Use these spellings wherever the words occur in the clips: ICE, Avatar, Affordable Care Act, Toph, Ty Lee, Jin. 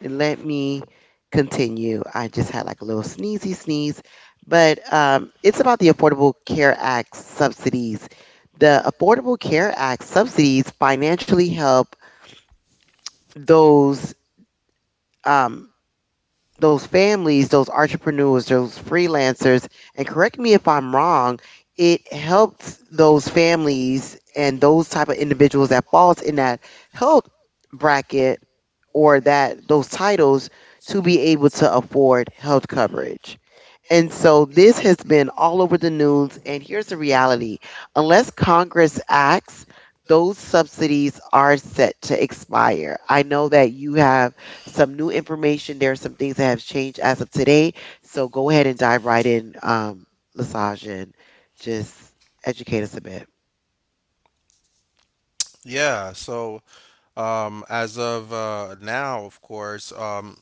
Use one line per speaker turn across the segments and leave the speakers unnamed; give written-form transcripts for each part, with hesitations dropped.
let me continue. I just had like a little sneezy sneeze, but it's about the Affordable Care Act subsidies. The Affordable Care Act subsidies financially help those. Um, those families, those entrepreneurs, those freelancers, and
And.
correct me if I'm wrong,
Create.
it helps those families and those type of individuals that falls in that health bracket
Or.
or that those titles to be able to afford health coverage. And so this has been all over the news. And here's the reality
Unless.
unless Congress acts, those subsidies are set to expire. I know that you have
Have.
some new information. There are some things that have changed as of today. So go ahead and dive right in, Lesage, and just educate us a bit.
Yeah, so as of now, of course, um,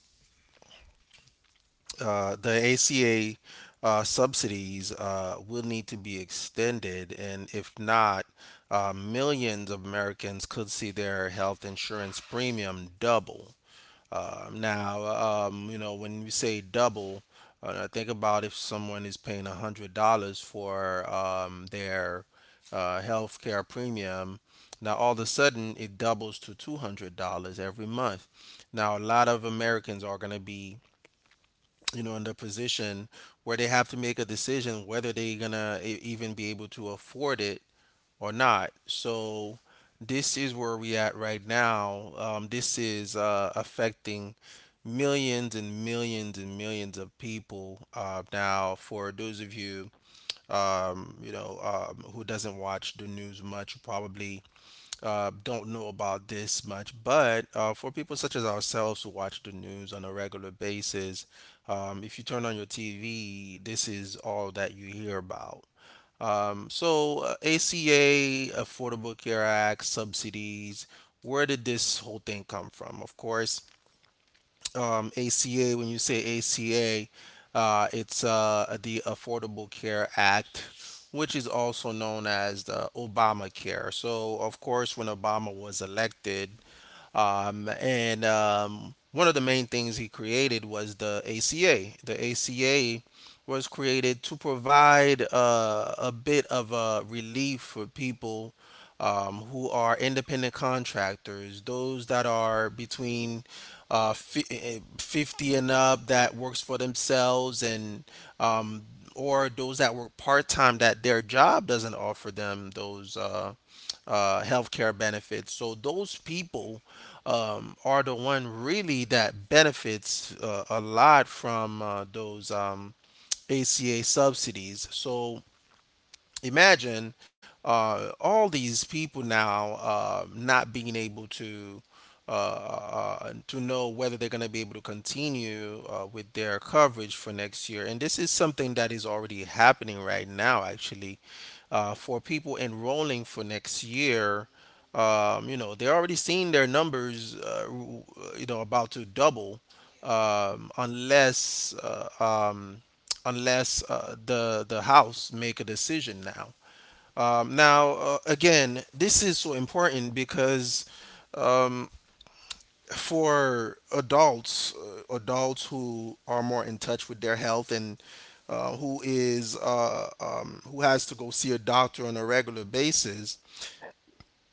uh, the ACA subsidies will need to be extended, and if not, millions of Americans could see their health insurance premium double. Now, when we say double, think about if someone is paying $100 for their health premium. Now, all of a sudden, it doubles to $200 every month. Now, a lot of Americans are going to be, in the position where they have to make a decision whether they're going to even be able to afford it or not. So this is where we at right now. This is affecting millions and millions and millions of people. Now, for those of you, who doesn't watch the news much, you probably don't know about this much. But for people such as ourselves who watch the news on a regular basis, if you turn on your TV, this is all that you hear about. So ACA, Affordable Care Act, subsidies — where did this whole thing come from? Of course, ACA, when you say ACA, it's the Affordable Care Act, which is also known as the Obamacare. So, of course, when Obama was elected, and one of the main things he created was the ACA. The ACA was created to provide a bit of a relief for people who are independent contractors, those that are between 50 and up that works for themselves and um, or those that work part-time that their job doesn't offer them those healthcare benefits. So those people are the one really that benefits a lot from those ACA subsidies. So imagine all these people now not being able to know whether they're going to be able to continue with their coverage for next year. And this is something that is already happening right now, actually, for people enrolling for next year. They're already seeing their numbers, about to double um, unless uh, um, unless the House make a decision now. Now, again, this is so important because um, for adults, adults who are more in touch with their health and who has to go see a doctor on a regular basis,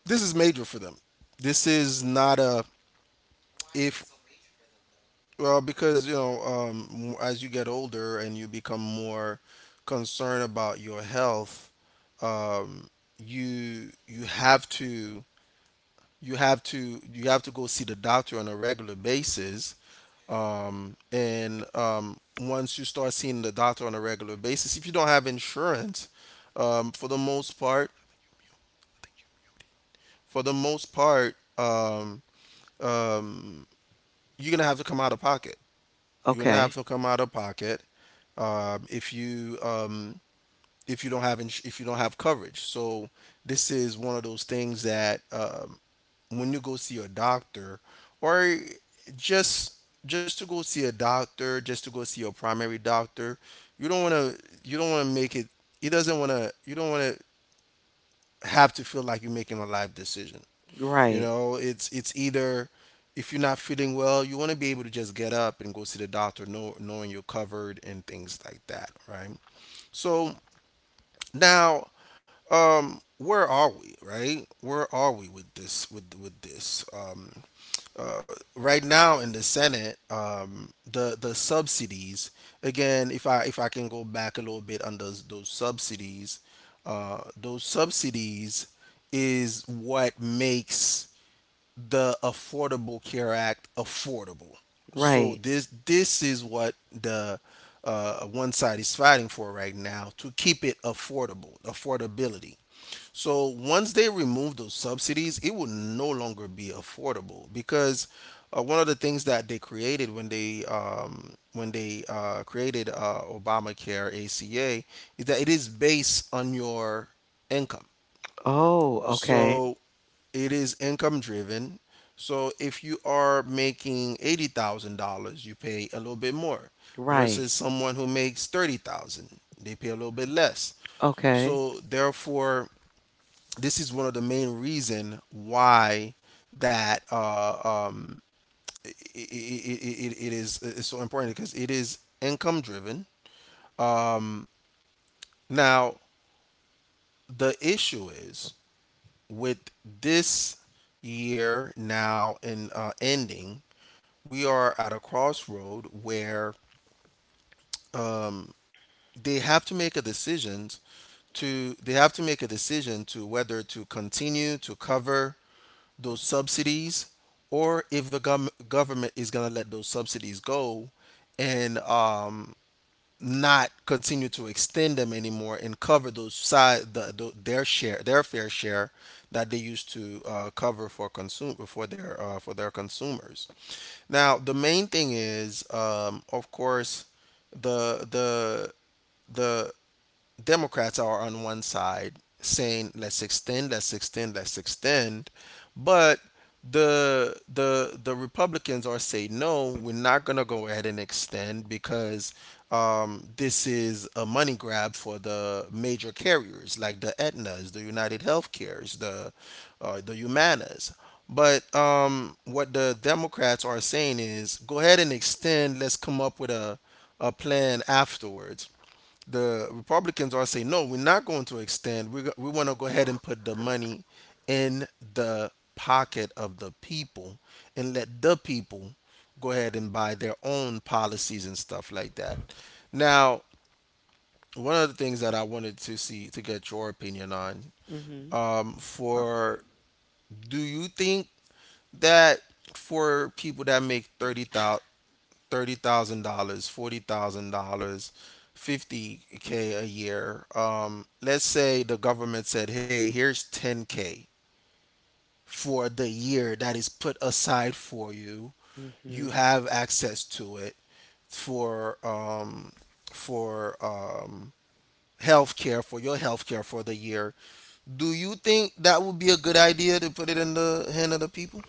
this is major for them. This is not a if Well, because as you get older and you become more concerned about your health, um, you have to you have to go see the doctor on a regular basis. And Once you start seeing the doctor on a regular basis, if you don't have insurance, for the most part, for the most part, um, you're gonna have to come out of pocket. You're gonna have
Okay.
to come out of pocket if you if you don't have ins- if you don't have coverage. So this is one of those things that when you go see a doctor or just just to go see a doctor, just to go see your primary doctor, you don't want to make it. He doesn't want to. You don't want to have to feel like you're making a life decision. You
Right.
know, it's either if you're not feeling well, you want to be able to just get up and go see the doctor, know, knowing you're covered and things like that, right? So. Now, where are we, right? Where are we with this? With this? Uh, right now in the Senate, the subsidies. Again, if I can go back a little bit on those subsidies, those subsidies is what makes the Affordable Care Act affordable. So
Right.
this is what the one side is fighting for right now to keep it affordable, affordability. So once they remove those subsidies, it will no longer be affordable because one of the things that they created when they created Obamacare ACA is that it is based on your income.
Oh, okay.
So it is income driven. So if you are making $80,000, you pay a little bit more versus
Right.
someone who makes 30,000. They pay a little bit less.
Okay.
So therefore, this is one of the main reason why that um, it's so important because it is income driven. Now the issue is with this year now in ending, we are at a crossroad where they have to make a decision they have to make a decision to whether to continue to cover those subsidies, or if the government is going to let those subsidies go and not continue to extend them anymore and cover those side the their share, their fair share that they used to cover for consume for their consumers. Now the main thing is, of course, the the the Democrats are on one side saying let's extend, let's extend, let's extend, but the Republicans are saying no, we're not gonna go ahead and extend because this is a money grab for the major carriers like the Aetnas, the United Healthcares, the Humanas. But what the Democrats are saying is go ahead and extend. Let's come up with a plan afterwards. The Republicans are saying, no, we're not going to extend. We want to go ahead and put the money in the pocket of the people and let the people go ahead and buy their own policies and stuff like that. Now, one of the things that I wanted to see to get your opinion on
Mm-hmm.
for do you think that for people that make 30,000, thirty thousand dollars, $40,000, 50K a year. Let's say the government said, "Hey, here's 10K for the year that is put aside for you.
Mm-hmm.
You have access to it for um, for health care, for the year." Do you think that would be a good idea to put it in the hand of the people?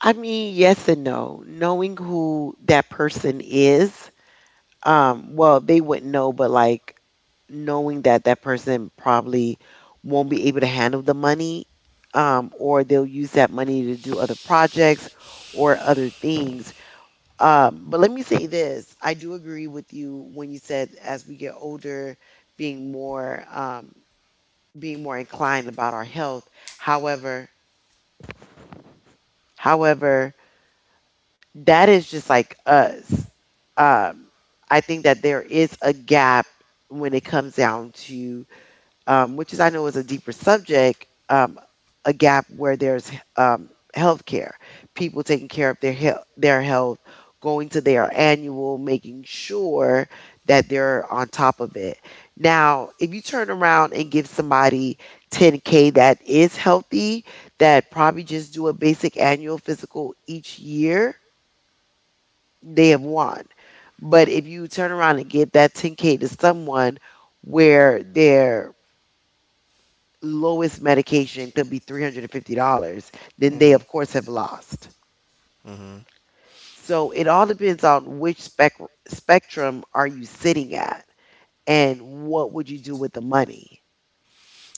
I mean, yes and no. Knowing who that person is, well, they wouldn't know, but like knowing that that person probably won't be able to handle the money, or they'll use that money to do other projects or other things. But let me say this: I do agree with you when you said as we get older, being more um, being more inclined about our health. However, however, that is just like us. Um, I think that there is a gap when it comes down to, which is I know is a deeper subject, a gap where there's health care, people taking care of their health, going to their annual, making sure that they're on top of it. Now, if you turn around and give somebody 10K that is healthy, that probably just do a basic annual physical each year they have won. But if you turn around and give that 10K to someone where their lowest medication could be $350, then they, of course, have lost.
Mm-hmm.
So it all depends on which spectrum are you sitting at and what would you do with the money?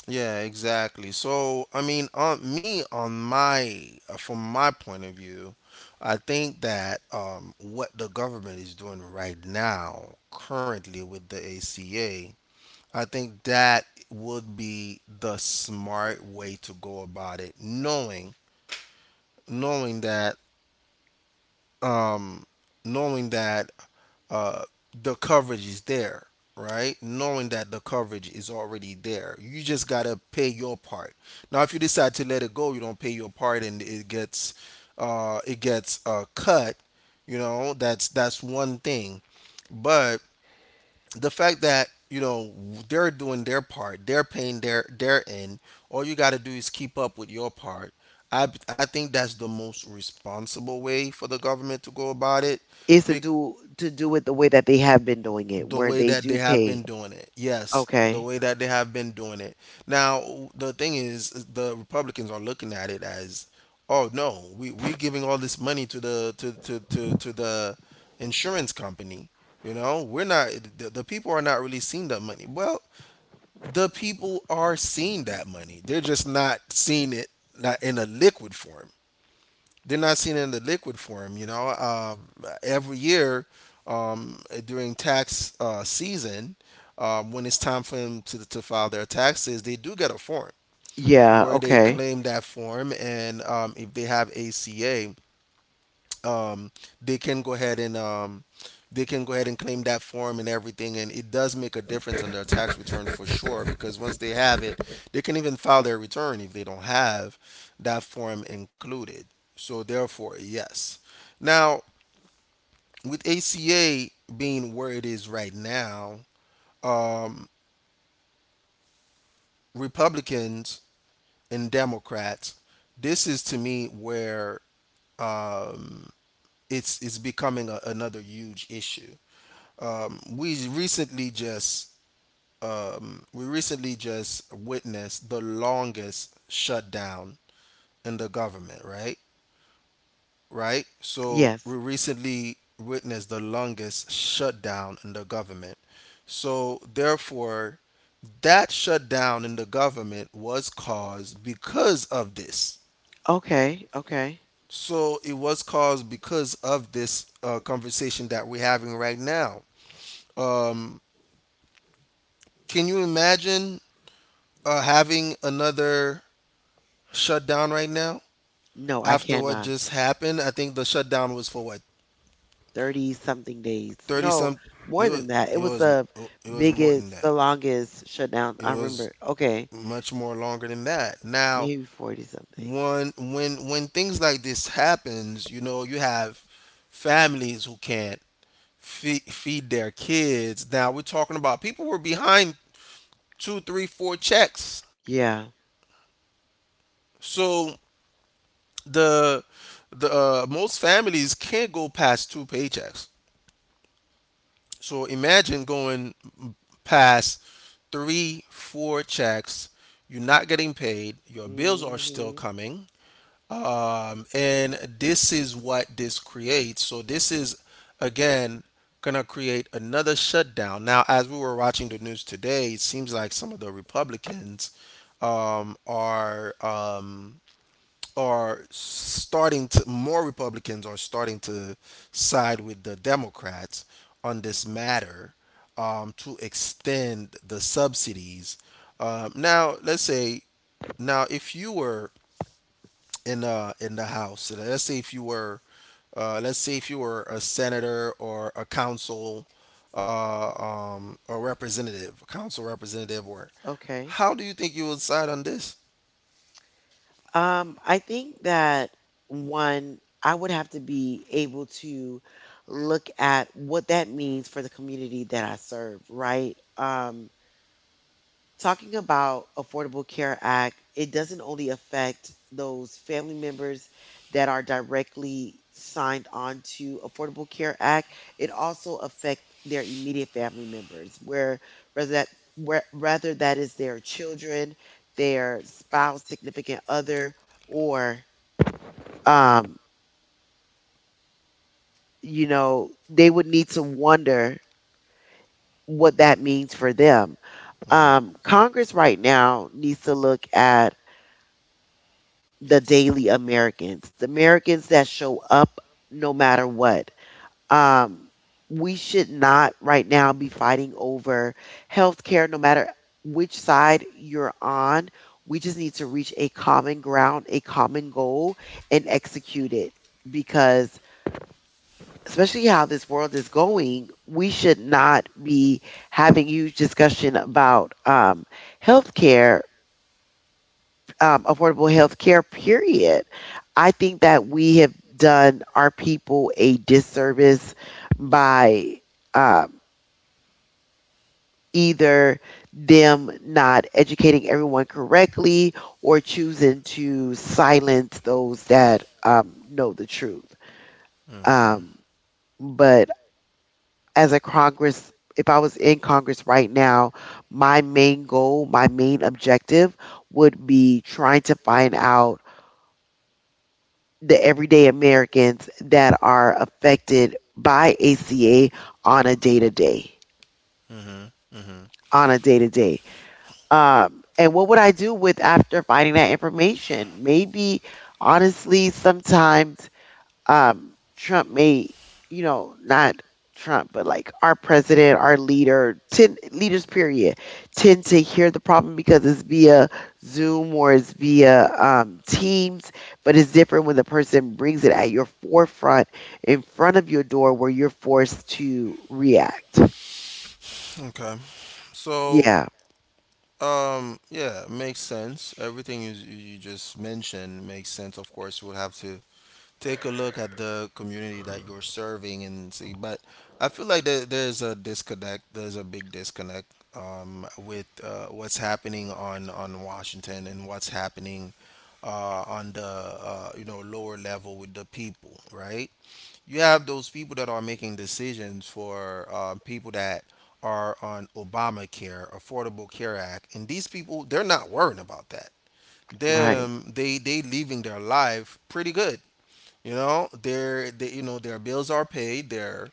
Yeah, exactly. So, I mean, on me, on my, from my point of view, I think that what the government is doing right now, currently with the ACA, I think that would be the smart way to go about it, knowing, knowing that, um, knowing that uh, the coverage is there, right? Knowing that the coverage is already there, you just gotta pay your part. Now, if you decide to let it go, you don't pay your part, and it gets cut. You know, that's one thing. But the fact that you know they're doing their part, they're paying their end. All you gotta do is keep up with your part. I think that's the most responsible way for the government to go about it.
Is
Be-
to do it the way that they have been doing it,
the
where
way
they
that
do
they have
pay.
been doing it. Yes, the
Okay.
way that they have been doing it. Now, the thing is the Republicans are looking at it as, oh no, we're giving all this money to the insurance company. You know, we're not. The people are not really seeing that money. Well, the people are seeing that money. They're just not seeing it, not in a liquid form. They're not seeing it in the liquid form. You know, every year during tax season, when it's time for them to file their taxes, they do get a form
Yeah,
where they
okay.
claim that form, and if they have ACA, um, they can go ahead and um, they can go ahead and claim that form and everything, and it does make a difference on their tax return for sure. Because once they have it, they can even file their return if they don't have that form included. So therefore, yes. Now, with ACA being where it is right now, Republicans and Democrats, this is to me where it's becoming another huge issue. Um, we recently just we recently just witnessed the longest shutdown in the government, right? Right? So
Yes.
we recently witnessed the longest shutdown in the government. So therefore, that shutdown in the government was caused because of this.
Okay, okay.
So it was caused because of this conversation that we're having right now. Um, can you imagine having another shutdown right now,
No, I
after what
cannot.
just happened? I think the shutdown was for what,
30 something days.
30
No,
some. It
more than
was
that. It was the
more than
biggest,
that.
the longest shutdown.
It
I
was
remember. Okay.
much more longer than that. Now,
Maybe 40 something.
one when things like this happens, you know, you have families who can't feed their kids. Now we're talking about people were behind two, three, four checks.
Yeah.
So the the most families can't go past two paychecks. So imagine going past three, four checks. You're not getting paid. Your bills are still
Hmm.
coming. And this is what this creates. So this is again gonna create another shutdown. Now, as we were watching the news today, it seems like some of the Republicans um, are um, are starting to more Republicans are starting to side with the Democrats on this matter to extend the subsidies. Now, let's say now if you were in the House, let's say if you were let's say if you were a senator or a council or representative, a council representative, or
Okay.
how do you think you would side on this?
I think that one, I would have to be able to look at what that means for the community that I serve, right? Because talking about Affordable Care Act, it doesn't only affect those family members that are directly signed on to Affordable Care Act. It also affects their immediate family members where whether that where, rather that is their children, their spouse, significant other, or um you know, they would need to wonder what that means for them. Congress right now needs to look at the daily Americans, the Americans that show up no matter what. Um, we should not right now be fighting over healthcare, no matter which side you're on. We just need to reach a common ground, a common goal, and execute it. Because, especially how this world is going, we should not be having huge discussion about healthcare, affordable health care, period. I think that we have done our people a disservice by um, either them not educating everyone correctly or choosing to silence those that know the truth.
Okay.
Um, but as a Congress, if I was in Congress right now, my main goal, my main objective would be trying to find out the everyday Americans that are affected by ACA on a day to day,
Mm-hmm. Mm-hmm.
on a day to day. And what would I do with after finding that information? Maybe, honestly, sometimes Trump may, you know, not Trump, but like our president, our leader, ten, leaders, period, tend to hear the problem because it's via Zoom or it's via Teams. But it's different when the person brings it at your forefront, in front of your door, where you're forced to react.
Okay. So,
Yeah,
yeah, makes sense. Everything you just mentioned makes sense. Of course, you would have to take a look at the community that you're serving and see. But I feel like there's a disconnect. There's a big disconnect with what's happening on Washington and what's happening on the you know lower level with the people, right? You have those people that are making decisions for people that are on Obamacare, Affordable Care Act, and these people they're not worrying about that.
right.
Them they living their life pretty good. You know, their bills are paid. Their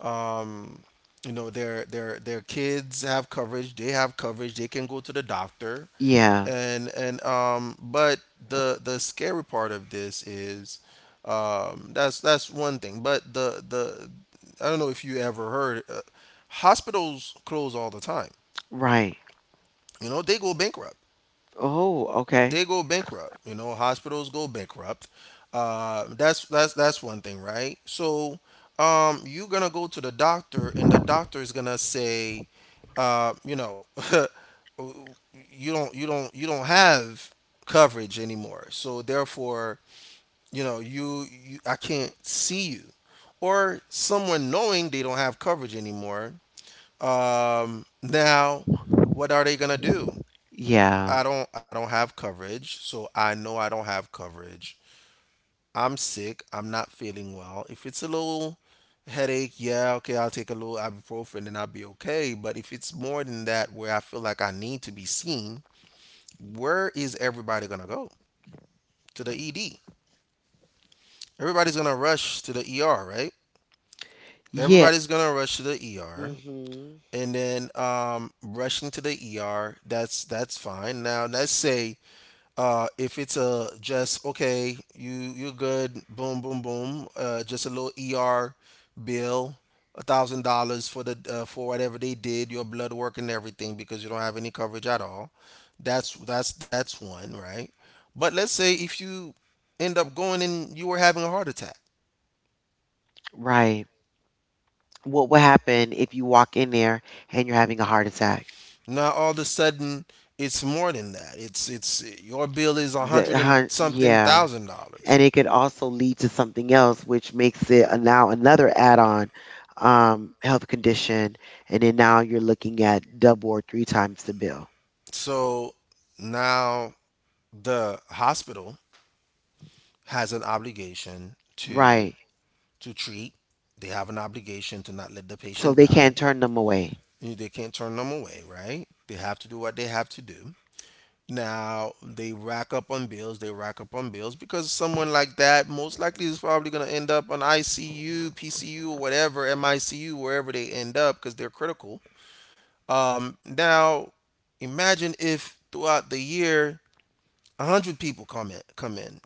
um, you know their kids have coverage. They have coverage. They can go to the doctor,
Yeah,
and but the scary part of this is that's one thing. But the I don't know if you ever heard hospitals close all the time.
right.
You know, they go bankrupt
Oh, okay.
they go bankrupt. You know, hospitals go bankrupt. That's that's one thing, right? So you're gonna go to the doctor, and the doctor is gonna say, you know, you don't have coverage anymore. So therefore, you know, you I can't see you, or someone knowing they don't have coverage anymore. Now, what are they gonna do?
Yeah,
I don't have coverage, so I know I don't have coverage. I'm sick, I'm not feeling well. If it's a little headache, yeah, okay, I'll take a little ibuprofen and I'll be okay. But if it's more than that where I feel like I need to be seen, where is everybody gonna go? To the ED. Everybody's gonna rush to the ER, right?
yeah.
Everybody's gonna rush to the ER.
Hmm.
And then rushing to the ER, that's fine. Now let's say if it's a just okay, you good, boom, boom, boom. Just a little ER bill, $1,000 for the for whatever they did, your blood work and everything, because you don't have any coverage at all. That's one, right? But let's say if you end up going and you were having a heart attack.
Right. What would happen if you walk in there and you're having a heart attack?
Now all of a sudden it's more than that. It's your bill is a hundred
The
and
heart,
something
yeah.
thousand dollars.
And it could also lead to something else, which makes it a, now another add-on health condition. And then now you're looking at double or three times the bill.
So now the hospital has an obligation to
Right.
treat. They have an obligation to not let the
So
patient
they
die.
can't turn them away.
They can't turn them away, right? They have to do what they have to do. Now they rack up on bills, they rack up on bills because someone like that most likely is probably going to end up on ICU, PCU, or whatever, MICU, wherever they end up because they're critical. Now, imagine if throughout the year 100 people come in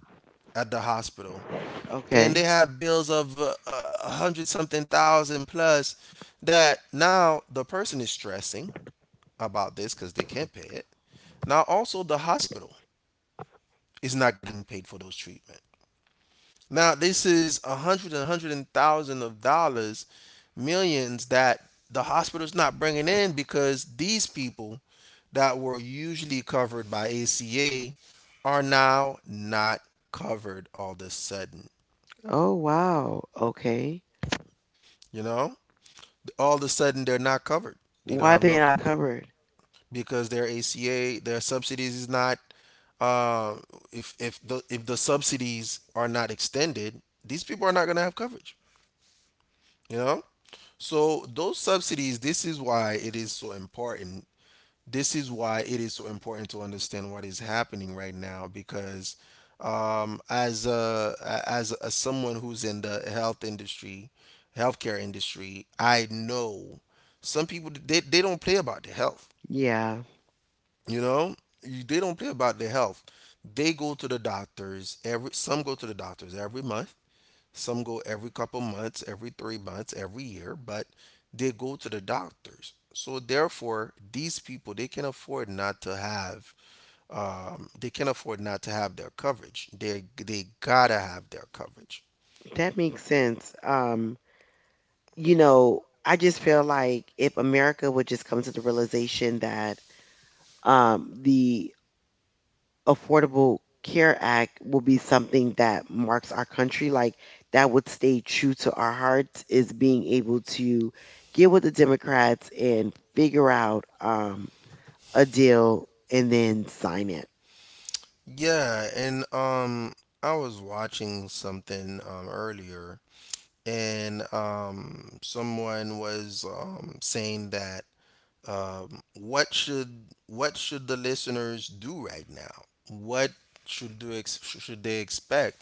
at the hospital and
Okay.
they have bills of 100 something thousand plus, that now the person is stressing about this because they can't pay it. Now also the hospital is not getting paid for those treatments. Now this is a hundred and thousand of dollars, millions that the hospital's not bringing in because these people that were usually covered by ACA are now not covered all of a sudden.
Oh, wow. Okay.
You know, all of a sudden they're not covered. They
Why
don't have
they
no
not covered?
because their ACA, their subsidies is not. Uh, if the subsidies are not extended, these people are not gonna have coverage. You know, so those subsidies, this is why it is so important. This is why it is so important to understand what is happening right now because um, as a, as a, someone who's in the healthcare industry, I know some people they don't play about their health.
Yeah,
You know, they don't play about their health. They go to the doctors every. Some go to the doctors every month. Some go every couple months, every 3 months, every year, but they go to the doctors. So therefore, these people they can afford not to have they can afford not to have their coverage. They gotta have their coverage.
that makes sense. You know, I just feel like if America would just come to the realization that the Affordable Care Act will be something that marks our country. Like that would stay true to our hearts is being able to get with the Democrats and figure out a deal and then sign it.
Yeah, and I was watching something earlier, and someone was saying that what should the listeners do right now? What should they expect?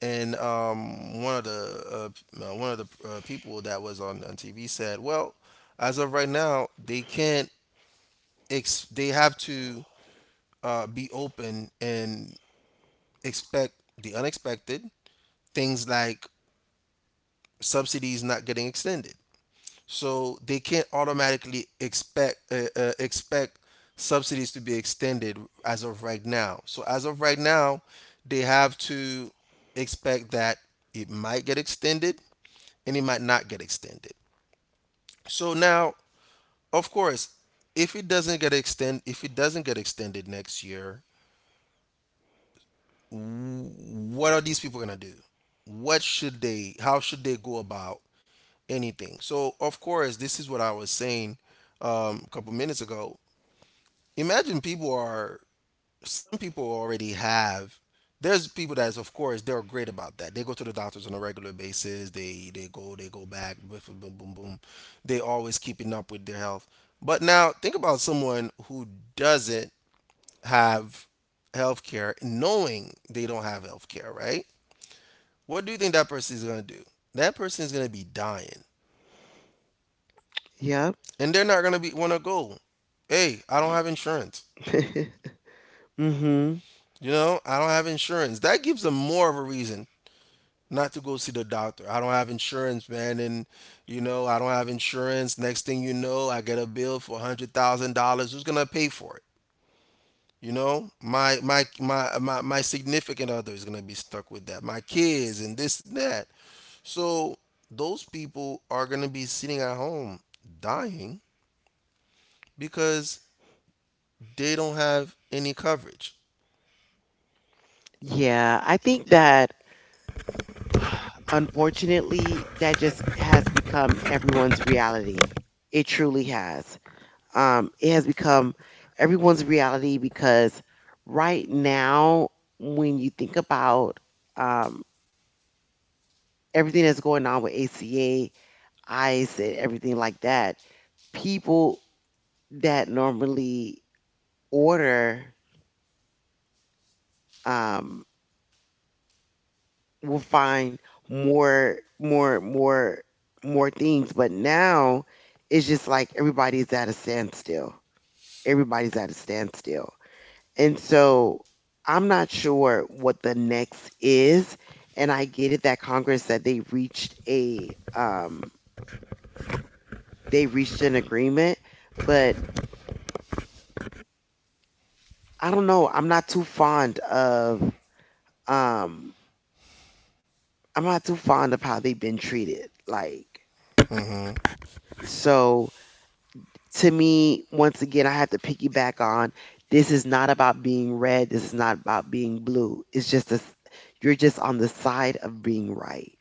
And one of the people that was on TV said, well, as of right now, they can't they have to be open and expect the unexpected, things like subsidies not getting extended, so they can't automatically expect expect subsidies to be extended as of right now. So as of right now, they have to expect that it might get extended and it might not get extended. So now, of course, if it doesn't get extended next year, what are these people going to do? What should they how should they go about anything? So, of course, this is what I was saying a couple minutes ago. Imagine people are, some people already have, there's people that's, of course they're great about that, they go to the doctors on a regular basis, they go they go back, boom, boom, boom, boom, they always keeping up with their health. But now think about someone who doesn't have health care, knowing they don't have health care, right? What do you think that person is going to do? That person is going to be dying,
Yep.
and they're not going to be want to go, hey, I don't have insurance.
Mhm.
You know, I don't have insurance, that gives them more of a reason not to go see the doctor. I don't have insurance, man, and you know I don't have insurance. Next thing you know, I get a bill for $100,000. Who's gonna pay for it? You know, my significant other is gonna be stuck with that. My kids and this and that. So those people are gonna be sitting at home dying because they don't have any coverage.
Yeah, I think that unfortunately that just has become everyone's reality. It truly has. It has become everyone's reality because right now, when you think about um, everything that's going on with ACA, ICE, and everything like that, people that normally order um, will find more, more, more, more things. But now, it's just like everybody's at a standstill. Everybody's at a standstill. And so I'm not sure what the next is. And I get it that Congress said they reached a they reached an agreement, but I don't know. I'm not too fond of um I'm not too fond of how they've been treated. Like
Hmm.
so to me, once again I have to piggyback on this is not about being red, this is not about being blue. It's just a, you're just on the side of being right.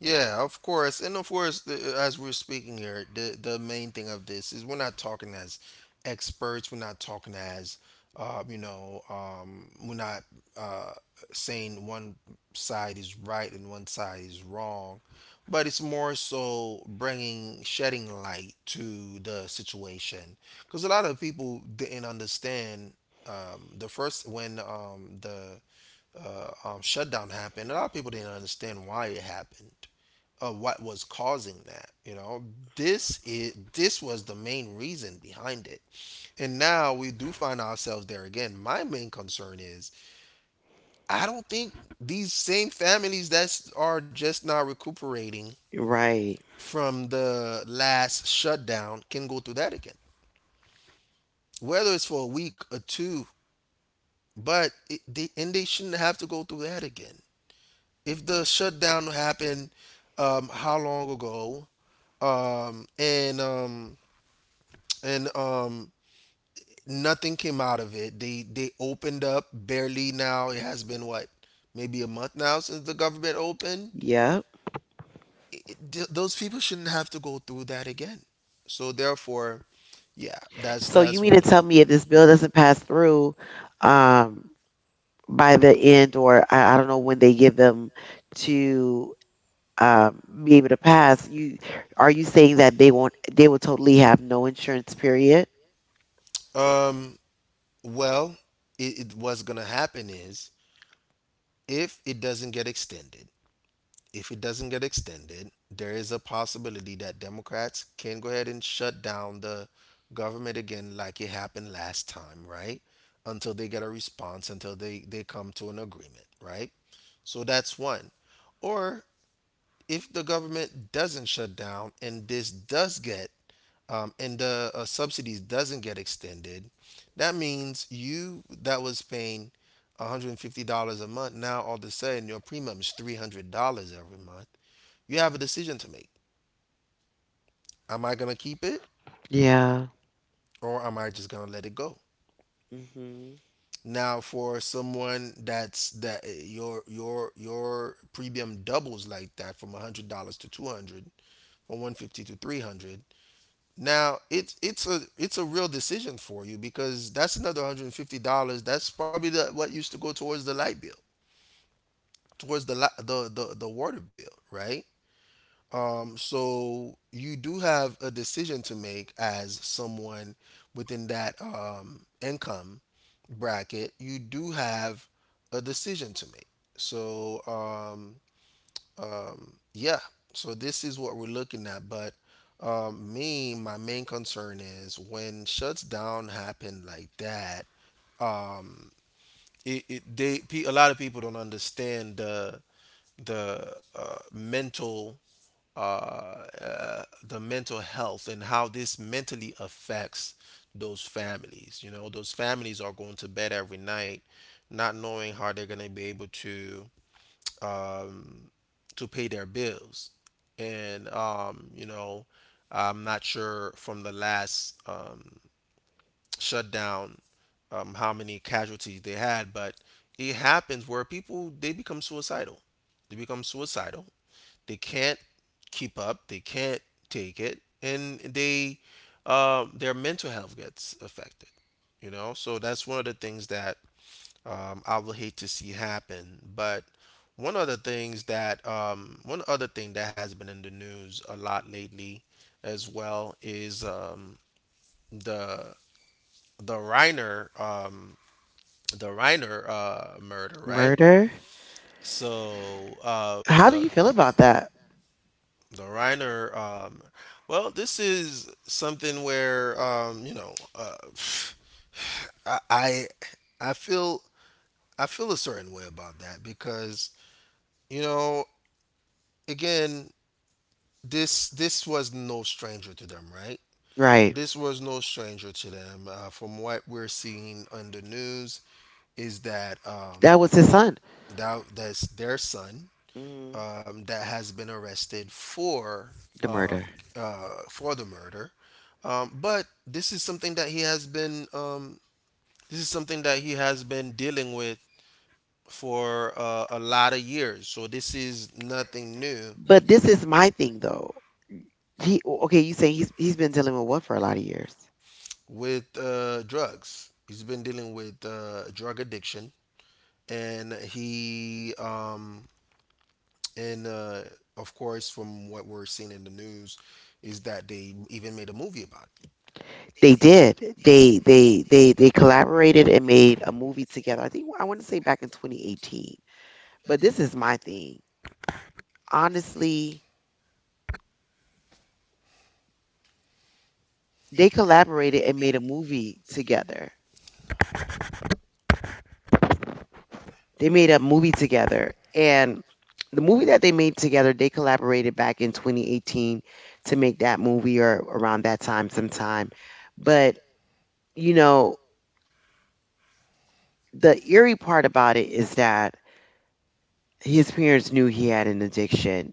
Yeah, of course, and of course, as we're speaking here, the main thing of this is we're not talking as experts. We're not talking as, we're not uh, saying one side is right and one side is wrong, but it's more so bringing shedding light to the situation because a lot of people didn't understand the first when the shutdown happened, a lot of people didn't understand why it happened, what was causing that. You know, this was the main reason behind it, and now we do find ourselves there again. My main concern is I don't think these same families that are just now recuperating
Right.
from the last shutdown can go through that again, whether it's for a week or two. But it, they, and they shouldn't have to go through that again. If the shutdown happened how long ago um, and um, and nothing came out of it, they opened up barely, now it has been what, maybe a month now since the government opened,
Yep.
those people shouldn't have to go through that again, so therefore, yeah,
So you
that's
mean
one
to
of my
tell me if
things.
this bill doesn't pass through um, by the end, or I don't know when they give them to be able to pass? You are you saying that they won't? They will totally have no insurance. Period.
Um, well, it, it what's gonna happen is if it doesn't get extended, if it doesn't get extended, there is a possibility that Democrats can go ahead and shut down the government again, like it happened last time, right? Until they get a response, until they come to an agreement, right? So that's one. Or if the government doesn't shut down and this does get and the subsidies doesn't get extended, that means you that was paying $150 a month. Now all of a sudden your premium is $300 every month. You have a decision to make. Am I going to keep it
Yeah.
or am I just going to let it go?
Hmm.
Now, for someone your premium doubles like that, from $100 to $200 from $150 to $300. Now it's a real decision for you because that's another $150. That's probably the, what used to go towards the light bill, towards the water bill, right? So you do have a decision to make as someone within that income bracket. You do have a decision to make. So yeah, so this is what we're looking at. But me, my main concern is when shuts down happen like that. Um, it, it a lot of people don't understand the mental uh, the mental health and how this mentally affects those families. Those families are going to bed every night not knowing how they're going to be able um, to pay their bills. And I'm not sure from the last shutdown, how many casualties they had, but it happens where people they become suicidal. They become suicidal. They can't keep up. They can't take it, and they their mental health gets affected. So that's one of the things that I would hate to see happen. But one other thing that has been in the news a lot lately, as well, is the the Reiner um, the Reiner murder, right?
Murder.
So um,
How do
the
you feel about that?
The Reiner, um, well, this is something where I, I I feel I feel a certain way about that because, you know, again, this was no stranger to them, right?
Right.
This was no stranger to them. From what we're seeing on the news, is that
That was his son.
that's their son,
Hmm.
that has been arrested
The
uh,
murder.
for the murder. But this is something that he has been, this is something that he has been dealing with for a lot of years. So this is nothing new.
But this is my thing, though. He okay? You saying he's been dealing with what for a lot of years?
With drugs, he's been dealing with drug addiction, and he um, and of course, from what we're seeing in the news, is that they even made a movie about it.
They did. They collaborated and made a movie together. I think I want to say back in 2018. But this is my thing. Honestly, they collaborated and made a movie together. They made a movie together and the movie that they made together, they collaborated back in 2018 to make that movie or around that time sometime. But, you know, the eerie part about it is that his parents knew he had an addiction.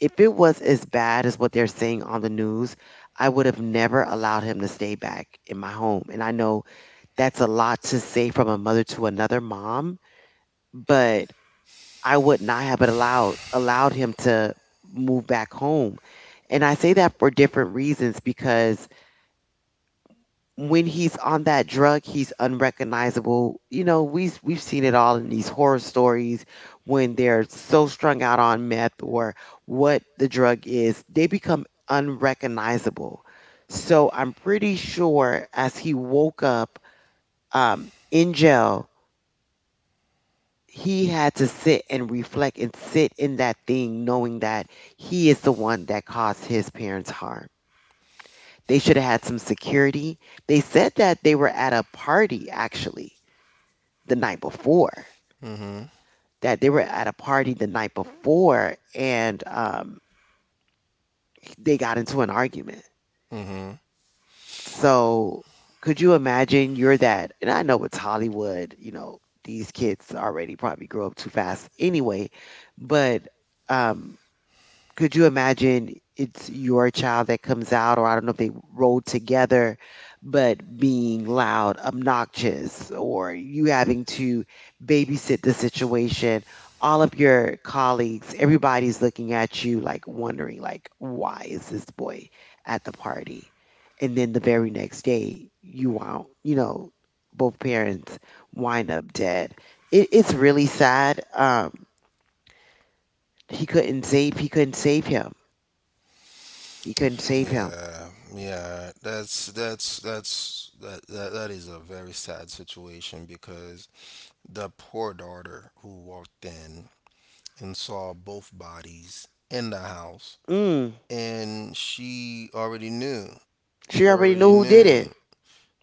If it was as bad as what they're saying on the news, I would have never allowed him to stay back in my home. And I know that's a lot to say from a mother to another mom, but I would not have allowed him to move back home. And I say that for different reasons because when he's on that drug, he's unrecognizable. You know, we've seen it all in these horror stories when they're so strung out on meth or what the drug is, they become unrecognizable. So I'm pretty sure as he woke up in jail, he had to sit and reflect and sit in that thing, knowing that he is the one that caused his parents harm. They should have had some security. They said that they were at a party, actually the night before.
Mm-hmm.
That they were at a party the night before and they got into an argument.
Mm-hmm.
So could you imagine you're that and I know it's Hollywood, you know, these kids already probably grow up too fast anyway, but um could you imagine it's your child that comes out, or I don't know if they rode together, but being loud, obnoxious, or you having to babysit the situation? All of your colleagues, everybody's looking at you like wondering, like, why is this boy at the party? And then the very next day, you won't, you know, both parents wind up dead. It's really sad. He couldn't save him, you couldn't save him.
Yeah, yeah, that's that, that that is a very sad situation because the poor daughter who walked in and saw both bodies in the house,
Mm.
and she already knew.
She
She
already knew
already
who did it.
knew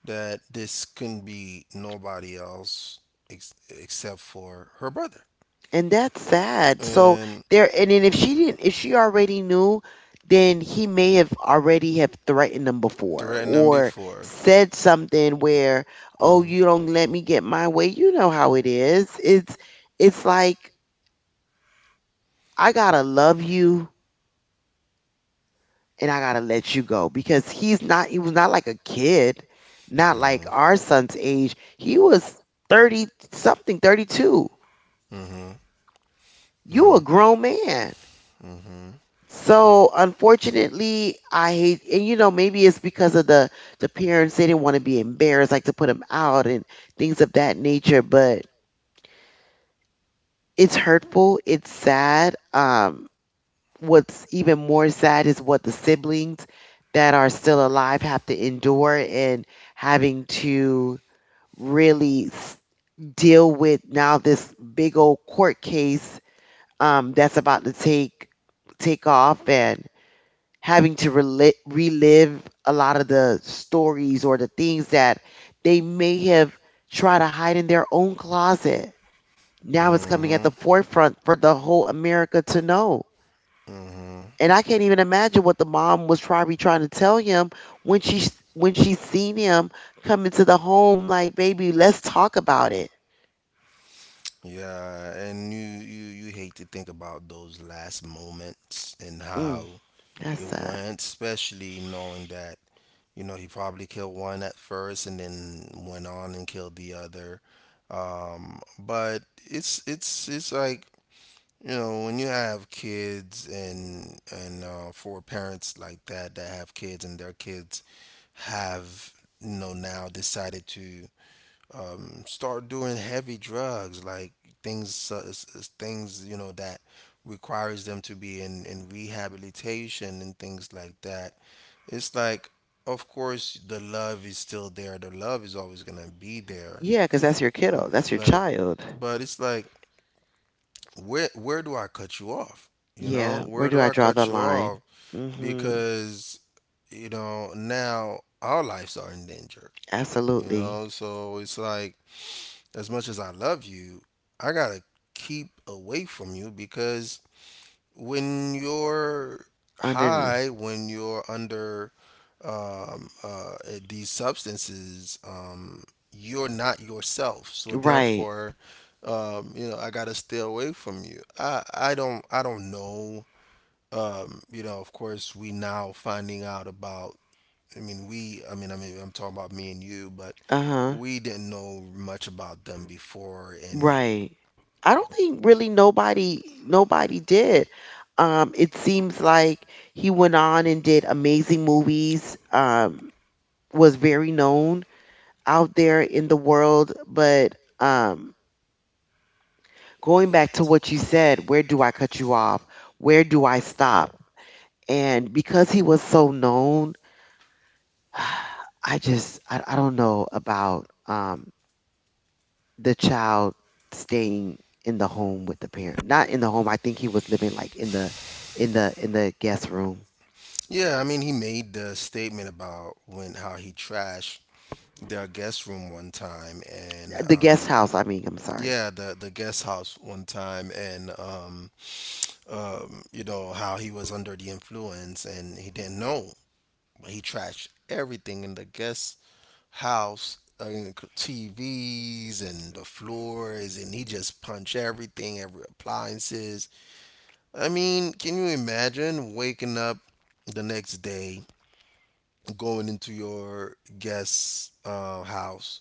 that this couldn't be nobody else except for her brother,
And that's sad. So
and
there and then if she didn't if she already knew, then he may have already have threatened them before
threatened them
or
before.
said something where, "Oh, you don't let me get my way." You know how it is. It's like I got to love you and I got to let you go because he's not he was not like a kid, not like our son's age. He was 30 something, 32, you a grown man.
Mhm.
So unfortunately, I hate, and you know, maybe it's because of the parents they didn't want to be embarrassed, like to put them out and things of that nature. But it's hurtful. It's sad. What's even more sad is what the siblings that are still alive have to endure and having to really s- deal with now this big old court case that's about to take off and having to relive a lot of the stories or the things that they may have tried to hide in their own closet. Now it's coming at the
Mhm.
forefront for the whole America to know. And I can't even imagine what the mom was probably trying to tell him when she when she seen him come into the home. Like, baby, let's talk about it.
Yeah, and you hate to think about those last moments and how
Mm, that's
it
sad.
went, especially knowing that, he probably killed one at first and then went on and killed the other. But it's like, when you have kids, and for parents like that that have kids, and their kids have, now decided to start doing heavy drugs, like things that requires them to be in rehabilitation and things like that. It's like, of course, the love is still there. The love is always going to be there.
Yeah, because that's your
M-
kiddo. That's your
but
child.
but it's like, where do I cut you off? You
Yeah.
know,
Where
where
do
do
I
I
draw the
cut you
line?
off?
Mm-hmm.
Because, now our lives are in danger. You
Absolutely.
know, so it's like, as much as I love you, I gotta keep away from you because when you're
Under the.
high, when you're under um, uh, these substances, you're not yourself. So
Right.
therefore, I gotta stay away from you. I don't know. Of course, we now finding out about. I mean, we. I mean, I'm talking about me and you, but
Uh-huh.
we didn't know much about them before, and
Right. I don't think really nobody did. It seems like he went on and did amazing movies, was very known out there in the world, but going back to what you said, where do I cut you off? Where do I stop? And because he was so known, I don't know about the child staying in the home with the parent. Not in the home. I think he was living like in the in the guest room.
yeah, I mean, he made the statement about when how he trashed their guest room one time, and
The guest house, I mean, I'm sorry.
yeah, the guest house one time, and you know how he was under the influence and he didn't know, but he trashed everything in the guest house, TVs and the floors, and he just punched everything, every appliances. I mean, can you imagine waking up the next day, going into your guest's house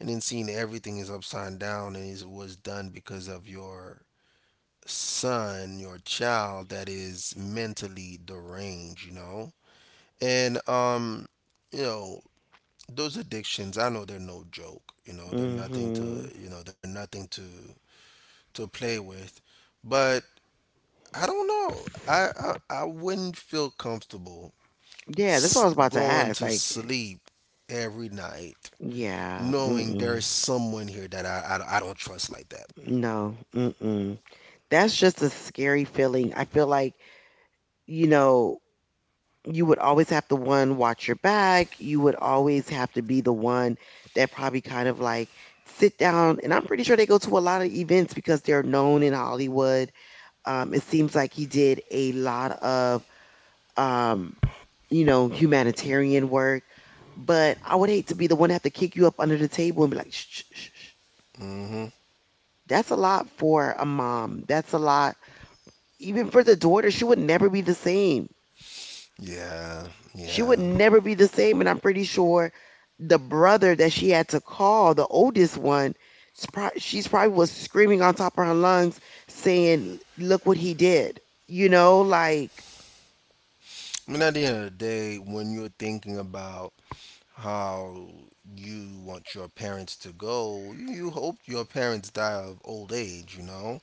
and then seeing everything is upside down, and it was done because of your son, your child that is mentally deranged, you know? And, you know, those addictions, I know they're no joke, they're nothing to,
Mhm.
they're nothing to, play with. But I don't know. I wouldn't feel comfortable
Yeah, that's what I was about to
going
ask.
to
Like,
sleep every night
yeah,
knowing there
mm-mm,
is someone here that I don't trust like that.
no, mm-mm. That's just a scary feeling. I feel like, you know, you would always have to one watch your back, you would always have to be the one that probably kind of like sit down, and I'm pretty sure they go to a lot of events because they're known in Hollywood. It seems like he did a lot of, um, you know, humanitarian work, but I would hate to be the one to have to kick you up under the table and be like, "Shh, shh, shh, shh."
Hmm.
That's a lot for a mom. That's a lot, even for the daughter. She would never be the same.
Yeah,
She would
yeah.
never be the same. And I'm pretty sure the brother that she had to call, the oldest one, she's probably was screaming on top of her lungs, saying, "Look what he did." You know, like,
I mean, at the end of the day, when you're thinking about how you want your parents to go, you hope your parents die of old age, you know?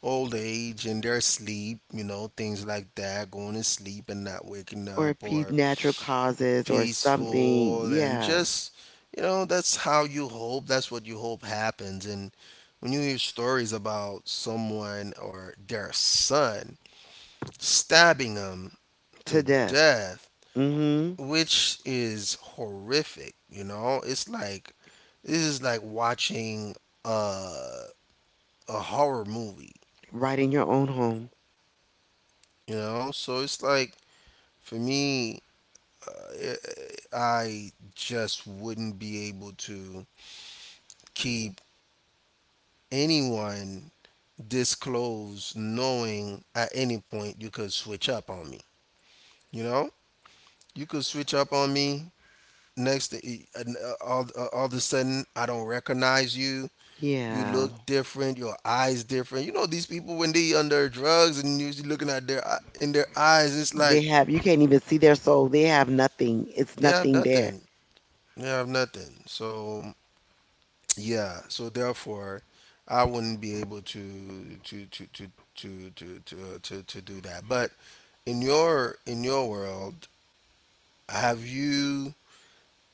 Old age and their sleep, you know, things like that, going to sleep and not waking
or
up,
if he's
or
natural causes or something.
peaceful and
Yeah,
just, that's how you hope, that's what you hope happens. And when you hear stories about someone or their son stabbing them
to
to
death.
death,
Mm
which is horrific, it's like, this is like watching uh, a horror movie,
hmm. Right in your own home.
so it's like, for me, i- I just wouldn't be able to keep anyone disclose, knowing at any point you could switch up on me. You know, you could switch up on me next to all of a sudden, I don't recognize you. You
Yeah.
look different. Your eyes different. You know these people, when they under drugs, and you usually looking at their in their eyes, it's like
They have, you can't even see their soul. They have nothing. It's
they have
nothing there.
nothing. They have nothing. So, yeah, so therefore, I wouldn't be able to do that. But in your world, have you?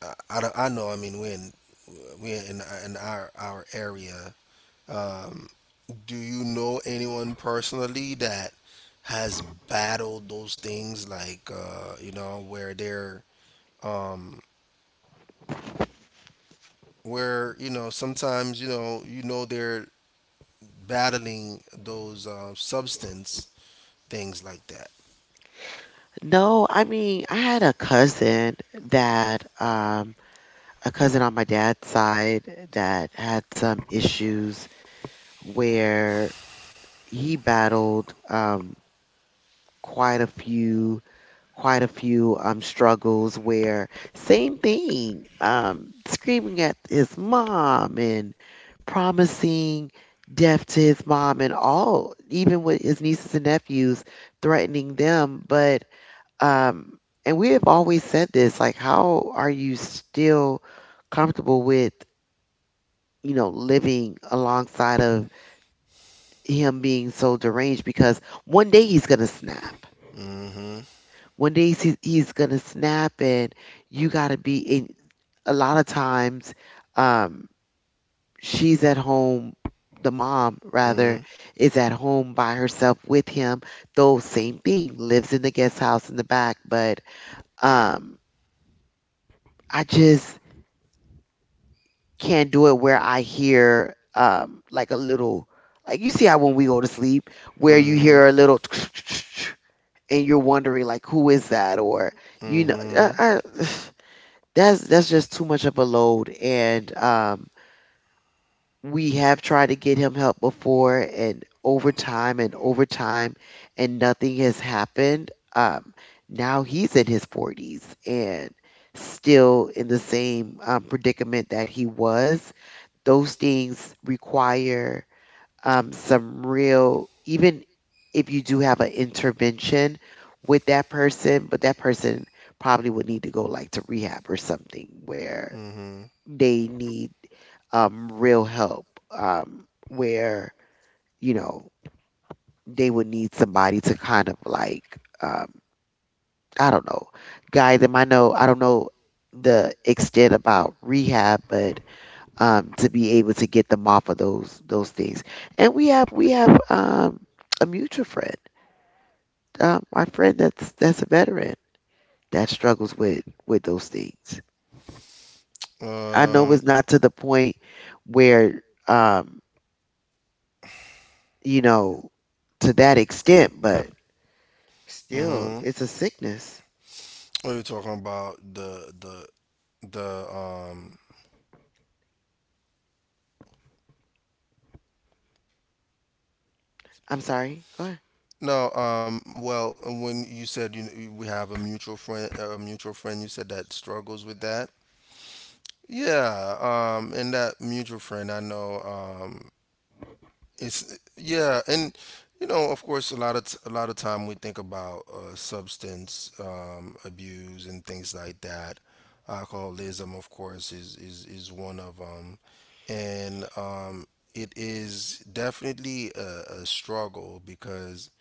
I, don't- I know. I mean, we're in our area. Um, do you know anyone personally that has battled those things, like, you know, where they're, um, where, you know, sometimes they're battling those, substance things like that.
No, I mean, I had a cousin that, a cousin on my dad's side, that had some issues where he battled, quite a few, struggles where, same thing, screaming at his mom and promising death to his mom and all, even with his nieces and nephews, threatening them. But um, and we have always said this, like, how are you still comfortable with, you know, living alongside of him being so deranged, because one day he's going to snap.
Mm-hmm.
One day he's going to snap, and you got to be in. A lot of times, um, she's at home, the mom
Mm-hmm.
rather, is at home by herself with him, though, same thing, lives in the guest house in the back. But um, I just can't do it where I hear, like a little, like you see how when we go to sleep where you
Mm-hmm.
hear a little and you're wondering like who is that, or you know,
Mm-hmm.
that's just too much of a load. And we have tried to get him help before, and over time and over time, and nothing has happened. um Now he's in his 40s and still in the same predicament that he was. Those things require some real, even if you do have an intervention with that person, but that person probably would need to go like to rehab or something where
Mm-hmm.
they need real help, where, you know, they would need somebody to kind of like, I don't know, guide them. I know, I don't know the extent about rehab, but to be able to get them off of those things. And we have a mutual friend, my friend that's a veteran that struggles with those things. I know
Um.
it's not to the point where um, you know, to that extent, but still,
Mm-hmm.
it's a sickness.
What are you talking about? The the.
I'm sorry. Go ahead.
No. Well, when you said you, we have a mutual friend, you said that struggles with that. Yeah, and that mutual friend I know, and of course, a lot of a lot of time, we think about substance abuse and things like that. Alcoholism, of course, is one of them, and it is definitely a struggle because,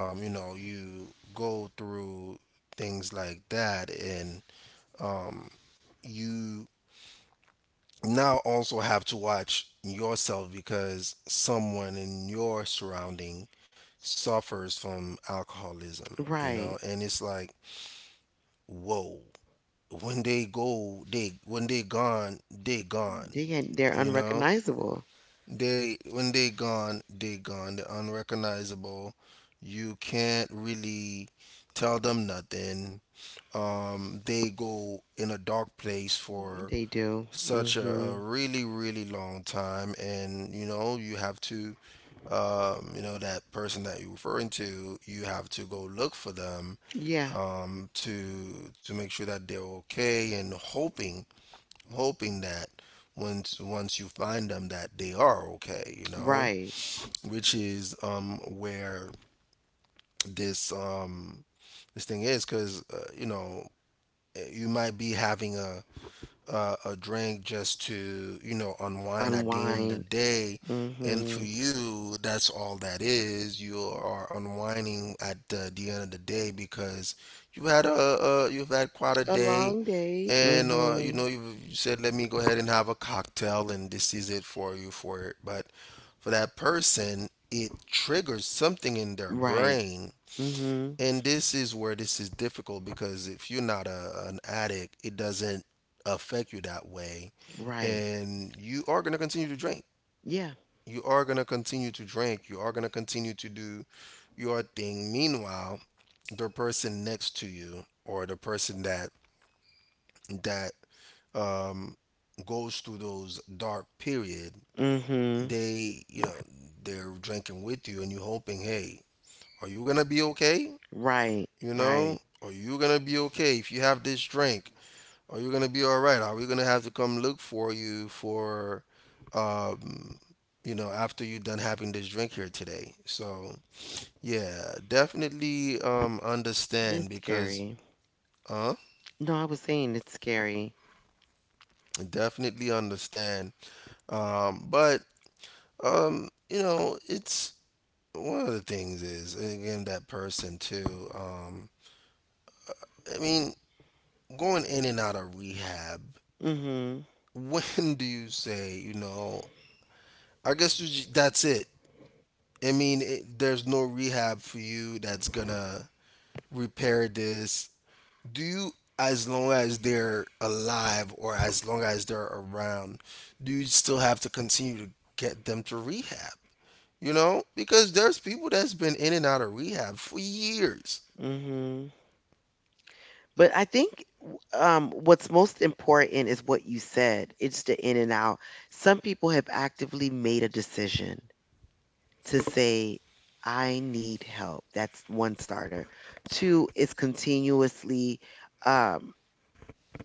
you know, you go through things like that, and you now also have to watch yourself because someone in your surrounding suffers from alcoholism,
Right.
and it's like, whoa. When they gone, they gone.
They ain't- They're
You know
unrecognizable.
they When they gone, they gone, they're unrecognizable. You can't really tell them nothing. They go in a dark place for
They do.
such a,
Hmm.
a really, really long time, and you have to, you know, that person that you're referring to, you have to go look for them,
Yeah.
to make sure that they're okay, and hoping that once you find them, that they are okay,
Right.
which is, where this, thing is, because you might be having a drink just to, unwind at the end of
Unwind.
the day. And for
Mhm.
you, that's all that is. You are unwinding at the end of the day because you've had quite a
A
day,
long day.
and
Mhm.
you said, let me go ahead and have a cocktail, and this is it for you for it. But for that person, it triggers something in their
Right.
brain,
Mhm.
and this is where this is difficult because, if you're not an addict, it doesn't affect you that way.
Right.
And you are going to continue to drink.
Yeah.
You are going to continue to drink. You are going to continue to do your thing. Meanwhile, the person next to you, or the person that that um, goes through those dark period,
Mhm.
they, they're drinking with you, and you're hoping, hey, are you going to be okay?
Right.
You
Right.
know, are you gonna be okay if you have this drink? Are you gonna be all right? Are we gonna have to come look for you for, um, after you're done having this drink here today? So yeah, definitely understand
It's
because
scary.
uh
No, I was saying it's scary.
definitely understand. But you know, it's One of the things is, again, that person too. I mean, Going in and out of rehab,
Mhm.
when do you say, I guess, that's it. I mean, there's no rehab for you that's gonna repair this. Do you, as long as they're alive or as long as they're around, do you still have to continue to get them to rehab? You know, because there's people that's been in and out of rehab for years.
Mhm. But I think what's most important is what you said. It's the in and out. Some people have actively made a decision to say, "I need help." That's one starter. Two is continuously, um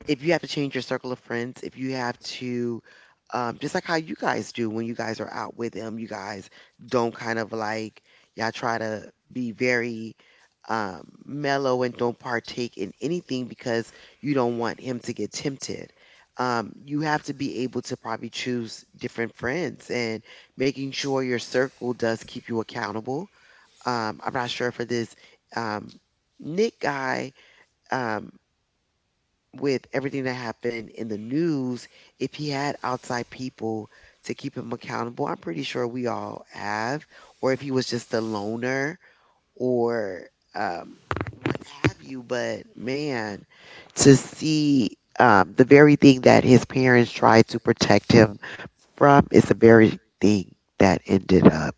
if you have to change your circle of friends, if you have to, just like how you guys do when you guys are out with them, you guys don't kind of like, y'all try to be very mellow and don't partake in anything because you don't want him to get tempted. You have to be able to probably choose different friends and making sure your circle does keep you accountable. I'm not sure for this um, Nick guy. Um, with everything that happened in the news, if he had outside people to keep him accountable, I'm pretty sure we all have, or if he was just a loner or um, what have you. But man, to see the very thing that his parents tried to protect him from is the very thing that ended up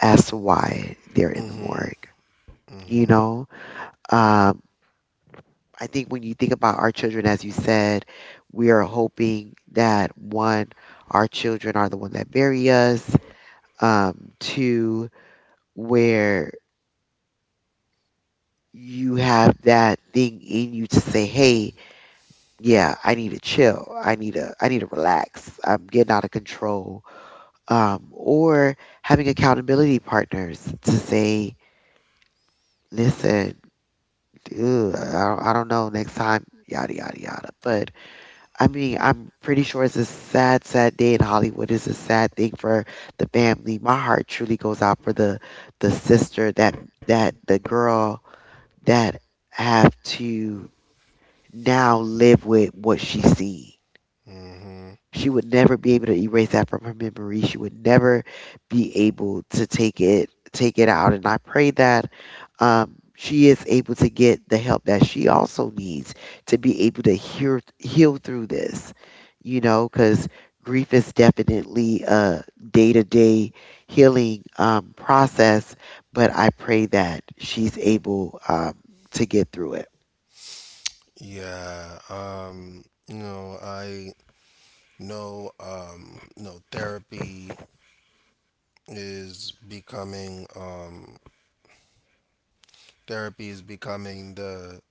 as to why they're in the
Mm-hmm.
morgue. You
Mm-hmm.
know, um, I think when you think about our children, as you said, we are hoping that one, our children are the one that bury us. Two, where you have that thing in you to say, "Hey, yeah, I need to chill. I need to relax. I'm getting out of control." Or having accountability partners to say, "Listen, ugh, I don't know next time." Yada yada yada. But I mean, I'm pretty sure it's a sad, sad day in Hollywood. It's a sad thing for the family. My heart truly goes out for the sister that that the girl that have to now live with what she sees.
Mm-hmm.
She would never be able to erase that from her memory. She would never be able to take it out. And I pray that she is able to get the help that she also needs to be able to hear, heal through this. You know, because grief is definitely a day to day healing process. But I pray that she's able to get through it
Yeah. You know, I know. You know, is becoming um, therapy is becoming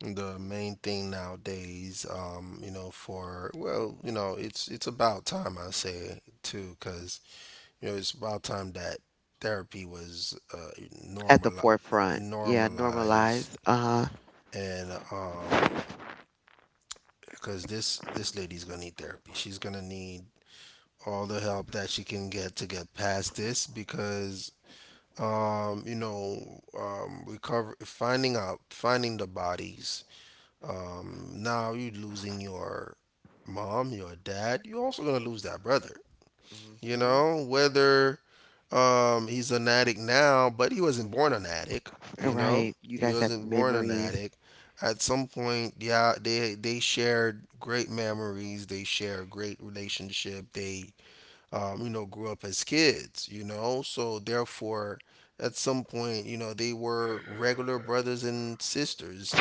the main thing nowadays. You know, for well, you know, it's about time, I say, too. Because you know it's about time that therapy was
at the
normal
forefront. Yeah, normalize.
normalized.
Uh huh.
And Because this lady's gonna need therapy. She's gonna need all the help that she can get to get past this. Because you know, finding out, finding the bodies. Now you're losing your mom, your dad. You're also gonna lose that brother. You
Hmm.
know, whether he's an addict now, but he wasn't born an addict. You know,
Right. You
he
guys have
wasn't born an
memories.
addict. At some point, yeah, they shared great memories. They shared great relationship. They you know, grew up as kids, you know. So therefore, at some point, you know, they were regular brothers and sisters.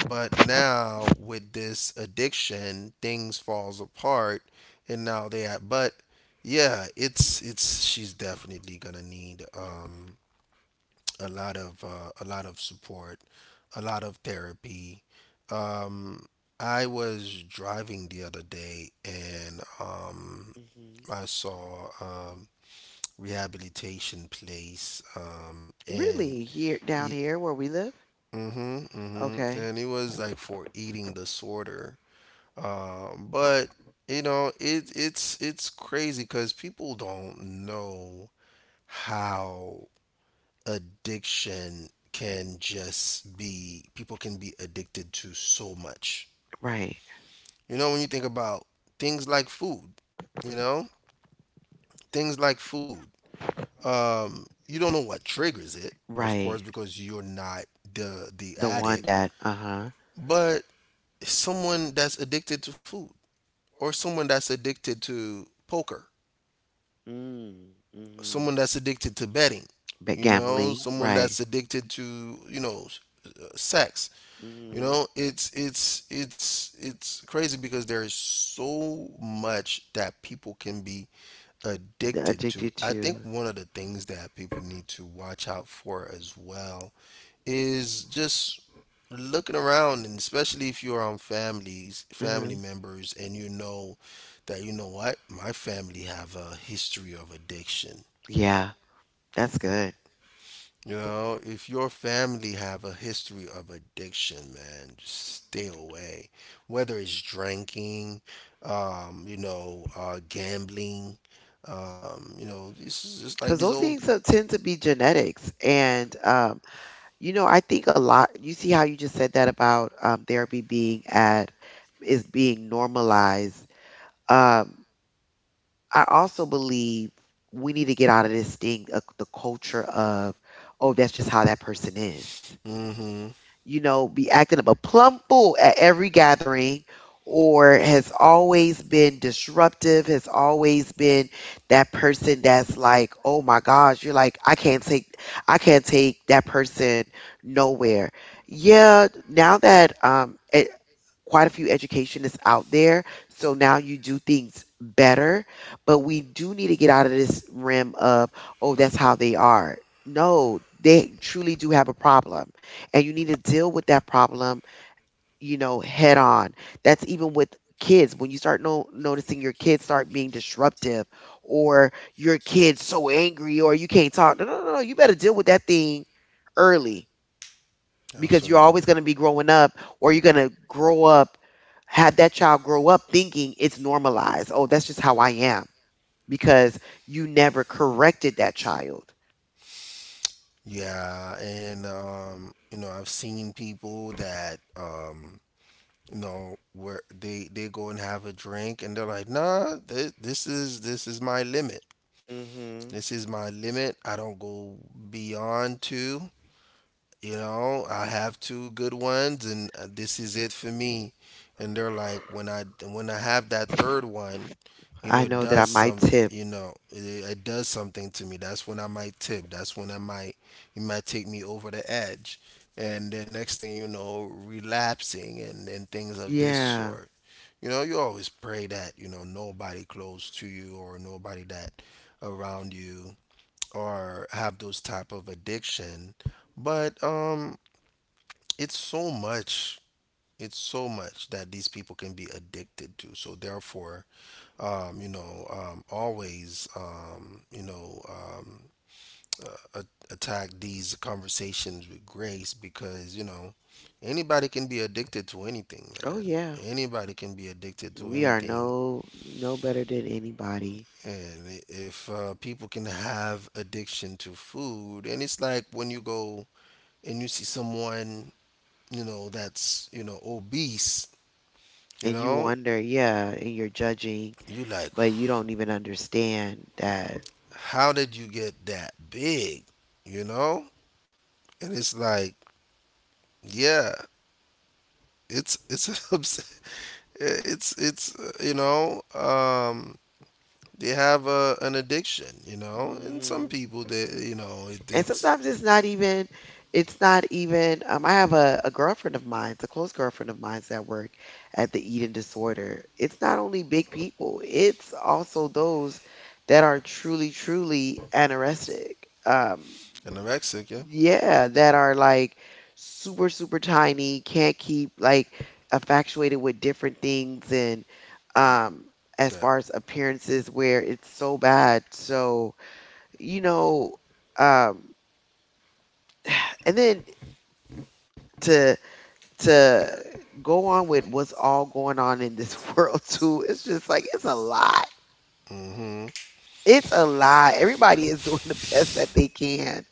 But now with this addiction, things falls apart and now they at but yeah, it's she's definitely gonna need a lot of support, a lot of therapy. Um I was driving the other day and
Hmm.
I saw rehabilitation place and
Really? Here, down
he,
here where we live?
mhm, mhm,
Okay.
and it was like for eating disorder. But you know, it's crazy cuz people don't know how addiction can just be. People can be addicted to so much.
Right.
You know, when you think about things like food, you know, things like food. Um, you don't know what triggers it, of course,
Right.
because you're not the
The one
addict.
that, uh-huh.
But someone that's addicted to food, or someone that's addicted to poker,
Mm, mm-hmm.
someone that's addicted to betting,
But
you know,
gambling.
someone
Right.
that's addicted to, sex. You
Mm-hmm.
know, it's crazy, because there is so much that people can be
The
addicted to.
addicted
I think
to.
one of the things that people need to watch out for as well is just looking around. And especially if you're on families
Uh-huh.
family members and you know that, you know what, my family have a history of addiction.
Yeah, that's good.
You know, if your family have a history of addiction, man, just stay away. Whether it's drinking, you know, gambling, you know, this is just like
Because
these
those
old.
things tend to be genetics. And you know, I think a lot, you see how you just said that about therapy being at, is being normalized. Um, I also believe we need to get out of this thing, the culture of, oh, that's just how that person is.
Mm-hmm.
You know, be acting up a plum fool at every gathering, or has always been disruptive, has always been that person that's like, oh my gosh, you're like, I can't take that person nowhere. Yeah, now that quite a few educationists out there. So now you do things better. But we do need to get out of this rim of, oh, that's how they are. No, they truly do have a problem. And you need to deal with that problem, you know, head on. That's even with kids. When you start noticing your kids start being disruptive or your kid's so angry or you can't talk, no, no, no, no, you better deal with that thing early, because you're
Absolutely.
always going to be growing up, or you're going to grow up, have that child grow up thinking it's normalized, oh, that's just how I am, because you never corrected that child.
Yeah, and you know, I've seen people that you know, where they go and have a drink and they're like, "Nah, th this is my limit."
Hmm.
This is my limit. I don't go beyond two. You know, I have two good ones, and this is it for me. And they're like, when I have that third one, you
I
know, it
know that I
does
might
some.
tip.
You know, it does something to me. That's when I might tip. That's when I might, it might take me over the edge. And then next thing you know, relapsing and things of this
Yeah.
sort. You know, you always pray that, you know, nobody close to you, or nobody that around you, or have those type of addiction. But um, it's so much. It's so much that these people can be addicted to. So therefore, um, you know, um, always, um, you know, um, attack these conversations with grace, because, you know, anybody can be addicted to anything,
Oh
man.
yeah.
Anybody can be addicted to
We are
anything.
no, no better than anybody.
And if people can have addiction to food. And it's like, when you go and you see someone, you know, that's, you know, obese, you
And you
know,
wonder, yeah, and you're judging,
you like,
but you don't even understand that.
how did you get that big? You know? And it's like, yeah, it's obs- it's you know, um, they have a, an addiction, you know? And some people they, you know,
And
it's
sometimes it's not even, it's not even, I have a girlfriend of mine, a close girlfriend of mine, that work at the eating disorder. It's not only big people, it's also those that are truly truly anorexic. um
anorexic, yeah.
yeah, that are like super super tiny, can't keep, like, infatuated with different things, and um as
That.
far as appearances where it's so bad. So, you know, um and then to to go on with what's all going on in this world too. It's just like it's a lot.
Mm-hmm.
It's a lot. Everybody is doing the best that they can.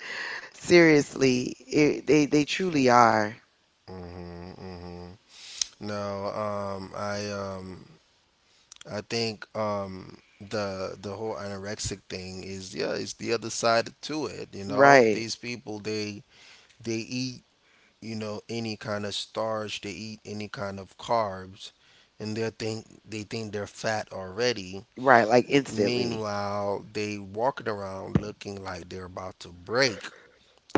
Seriously, it, they truly are.
Mm-hmm. Mm-hmm. No, I think the whole anorexic thing is, yeah, it's the other side to it. You know,
Right,
these people, they eat, you know, any kind of starch, they eat any kind of carbs, and they think, they think they're fat already.
right. Like instantly,
Meanwhile, they walking around looking like they're about to break.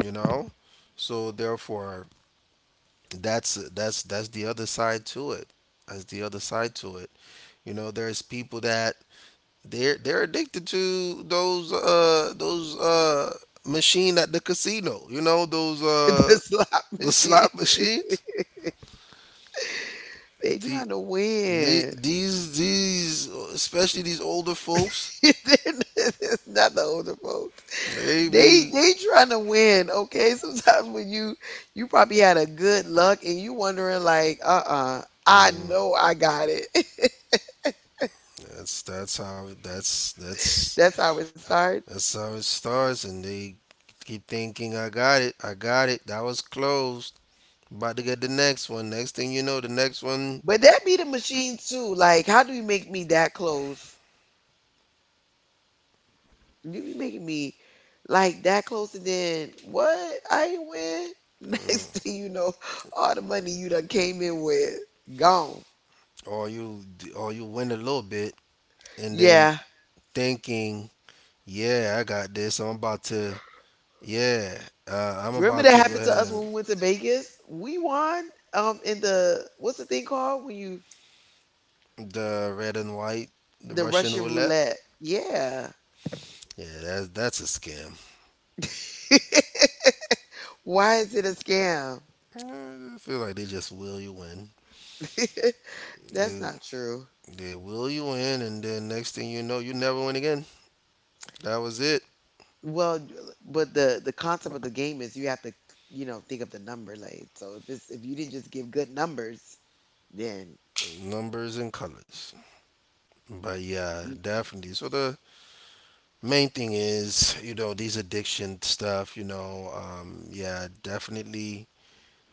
You know, so therefore, that's the other side to it. That's the other side to it. You know, there's people that they're addicted to those uh, those uh, machine at the casino, you know, those uh,
the slot
the
machine.
slot machines.
They
The,
trying to
the-
win.
these these especially these older folks.
There's not the older folks.
Maybe. He.
They trying to win, okay? Sometimes when you probably had a good luck and you wondering like, uh-uh, I know I got it.
That's,
That's how it
that's
starts.
how it starts. And they keep thinking, "I got it, I got it." That was closed. About to get the next one. Next thing you know, the next one.
But that be the machine too. Like, how do you make me that close? You be making me like that close and then what? I ain't win. Next thing you know, all the money you done came in with gone.
Or you, or you win a little bit. And then
Yeah.
thinking, "Yeah, I got this. I'm about to. Yeah, I'm
Remember
about
that
to go
happened to us
ahead."
when we went to Vegas? We won in the, what's the thing called, when you
And the red and white, the
the
Russian
Russian
roulette.
roulette. Yeah.
Yeah, that's a scam.
Why is it a scam?
I feel like they just will you in.
That's
They,
not true.
they will you in, and then next thing you know, you never win again. That was it.
Well, but the concept of the game is you have to, you know, think of the number, like, so if it's, if you didn't just give good numbers, then
Numbers and colors. But yeah,
you
definitely. So the main thing is, you know, these addiction stuff. You know, yeah, definitely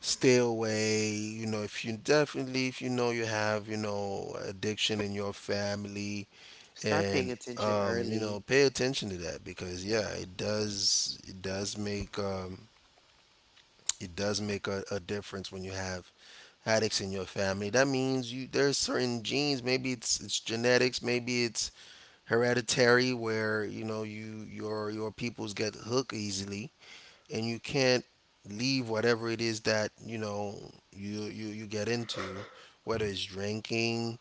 stay away. You know, if you, definitely if you know you have, you know, addiction in your family.
start paying
And
attention
Um, you know,
early.
pay attention to that, because yeah, it does make um, it does make a difference when you have addicts in your family. That means you, there's certain genes, maybe it's genetics, maybe it's hereditary, where, you know, you, your peoples get hooked easily, and you can't leave whatever it is that, you know, you get into. Whether it's drinking,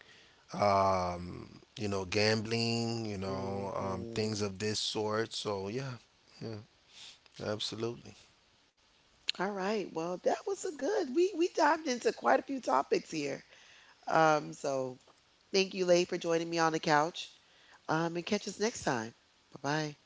um, you know, gambling, you know, um,
Mhm.
things of this sort. So yeah. Yeah, absolutely.
All right. Well, that was a good. We dived into quite a few topics here. Um so Thank you, Lay, for joining me on the couch. And catch us next time. Bye bye.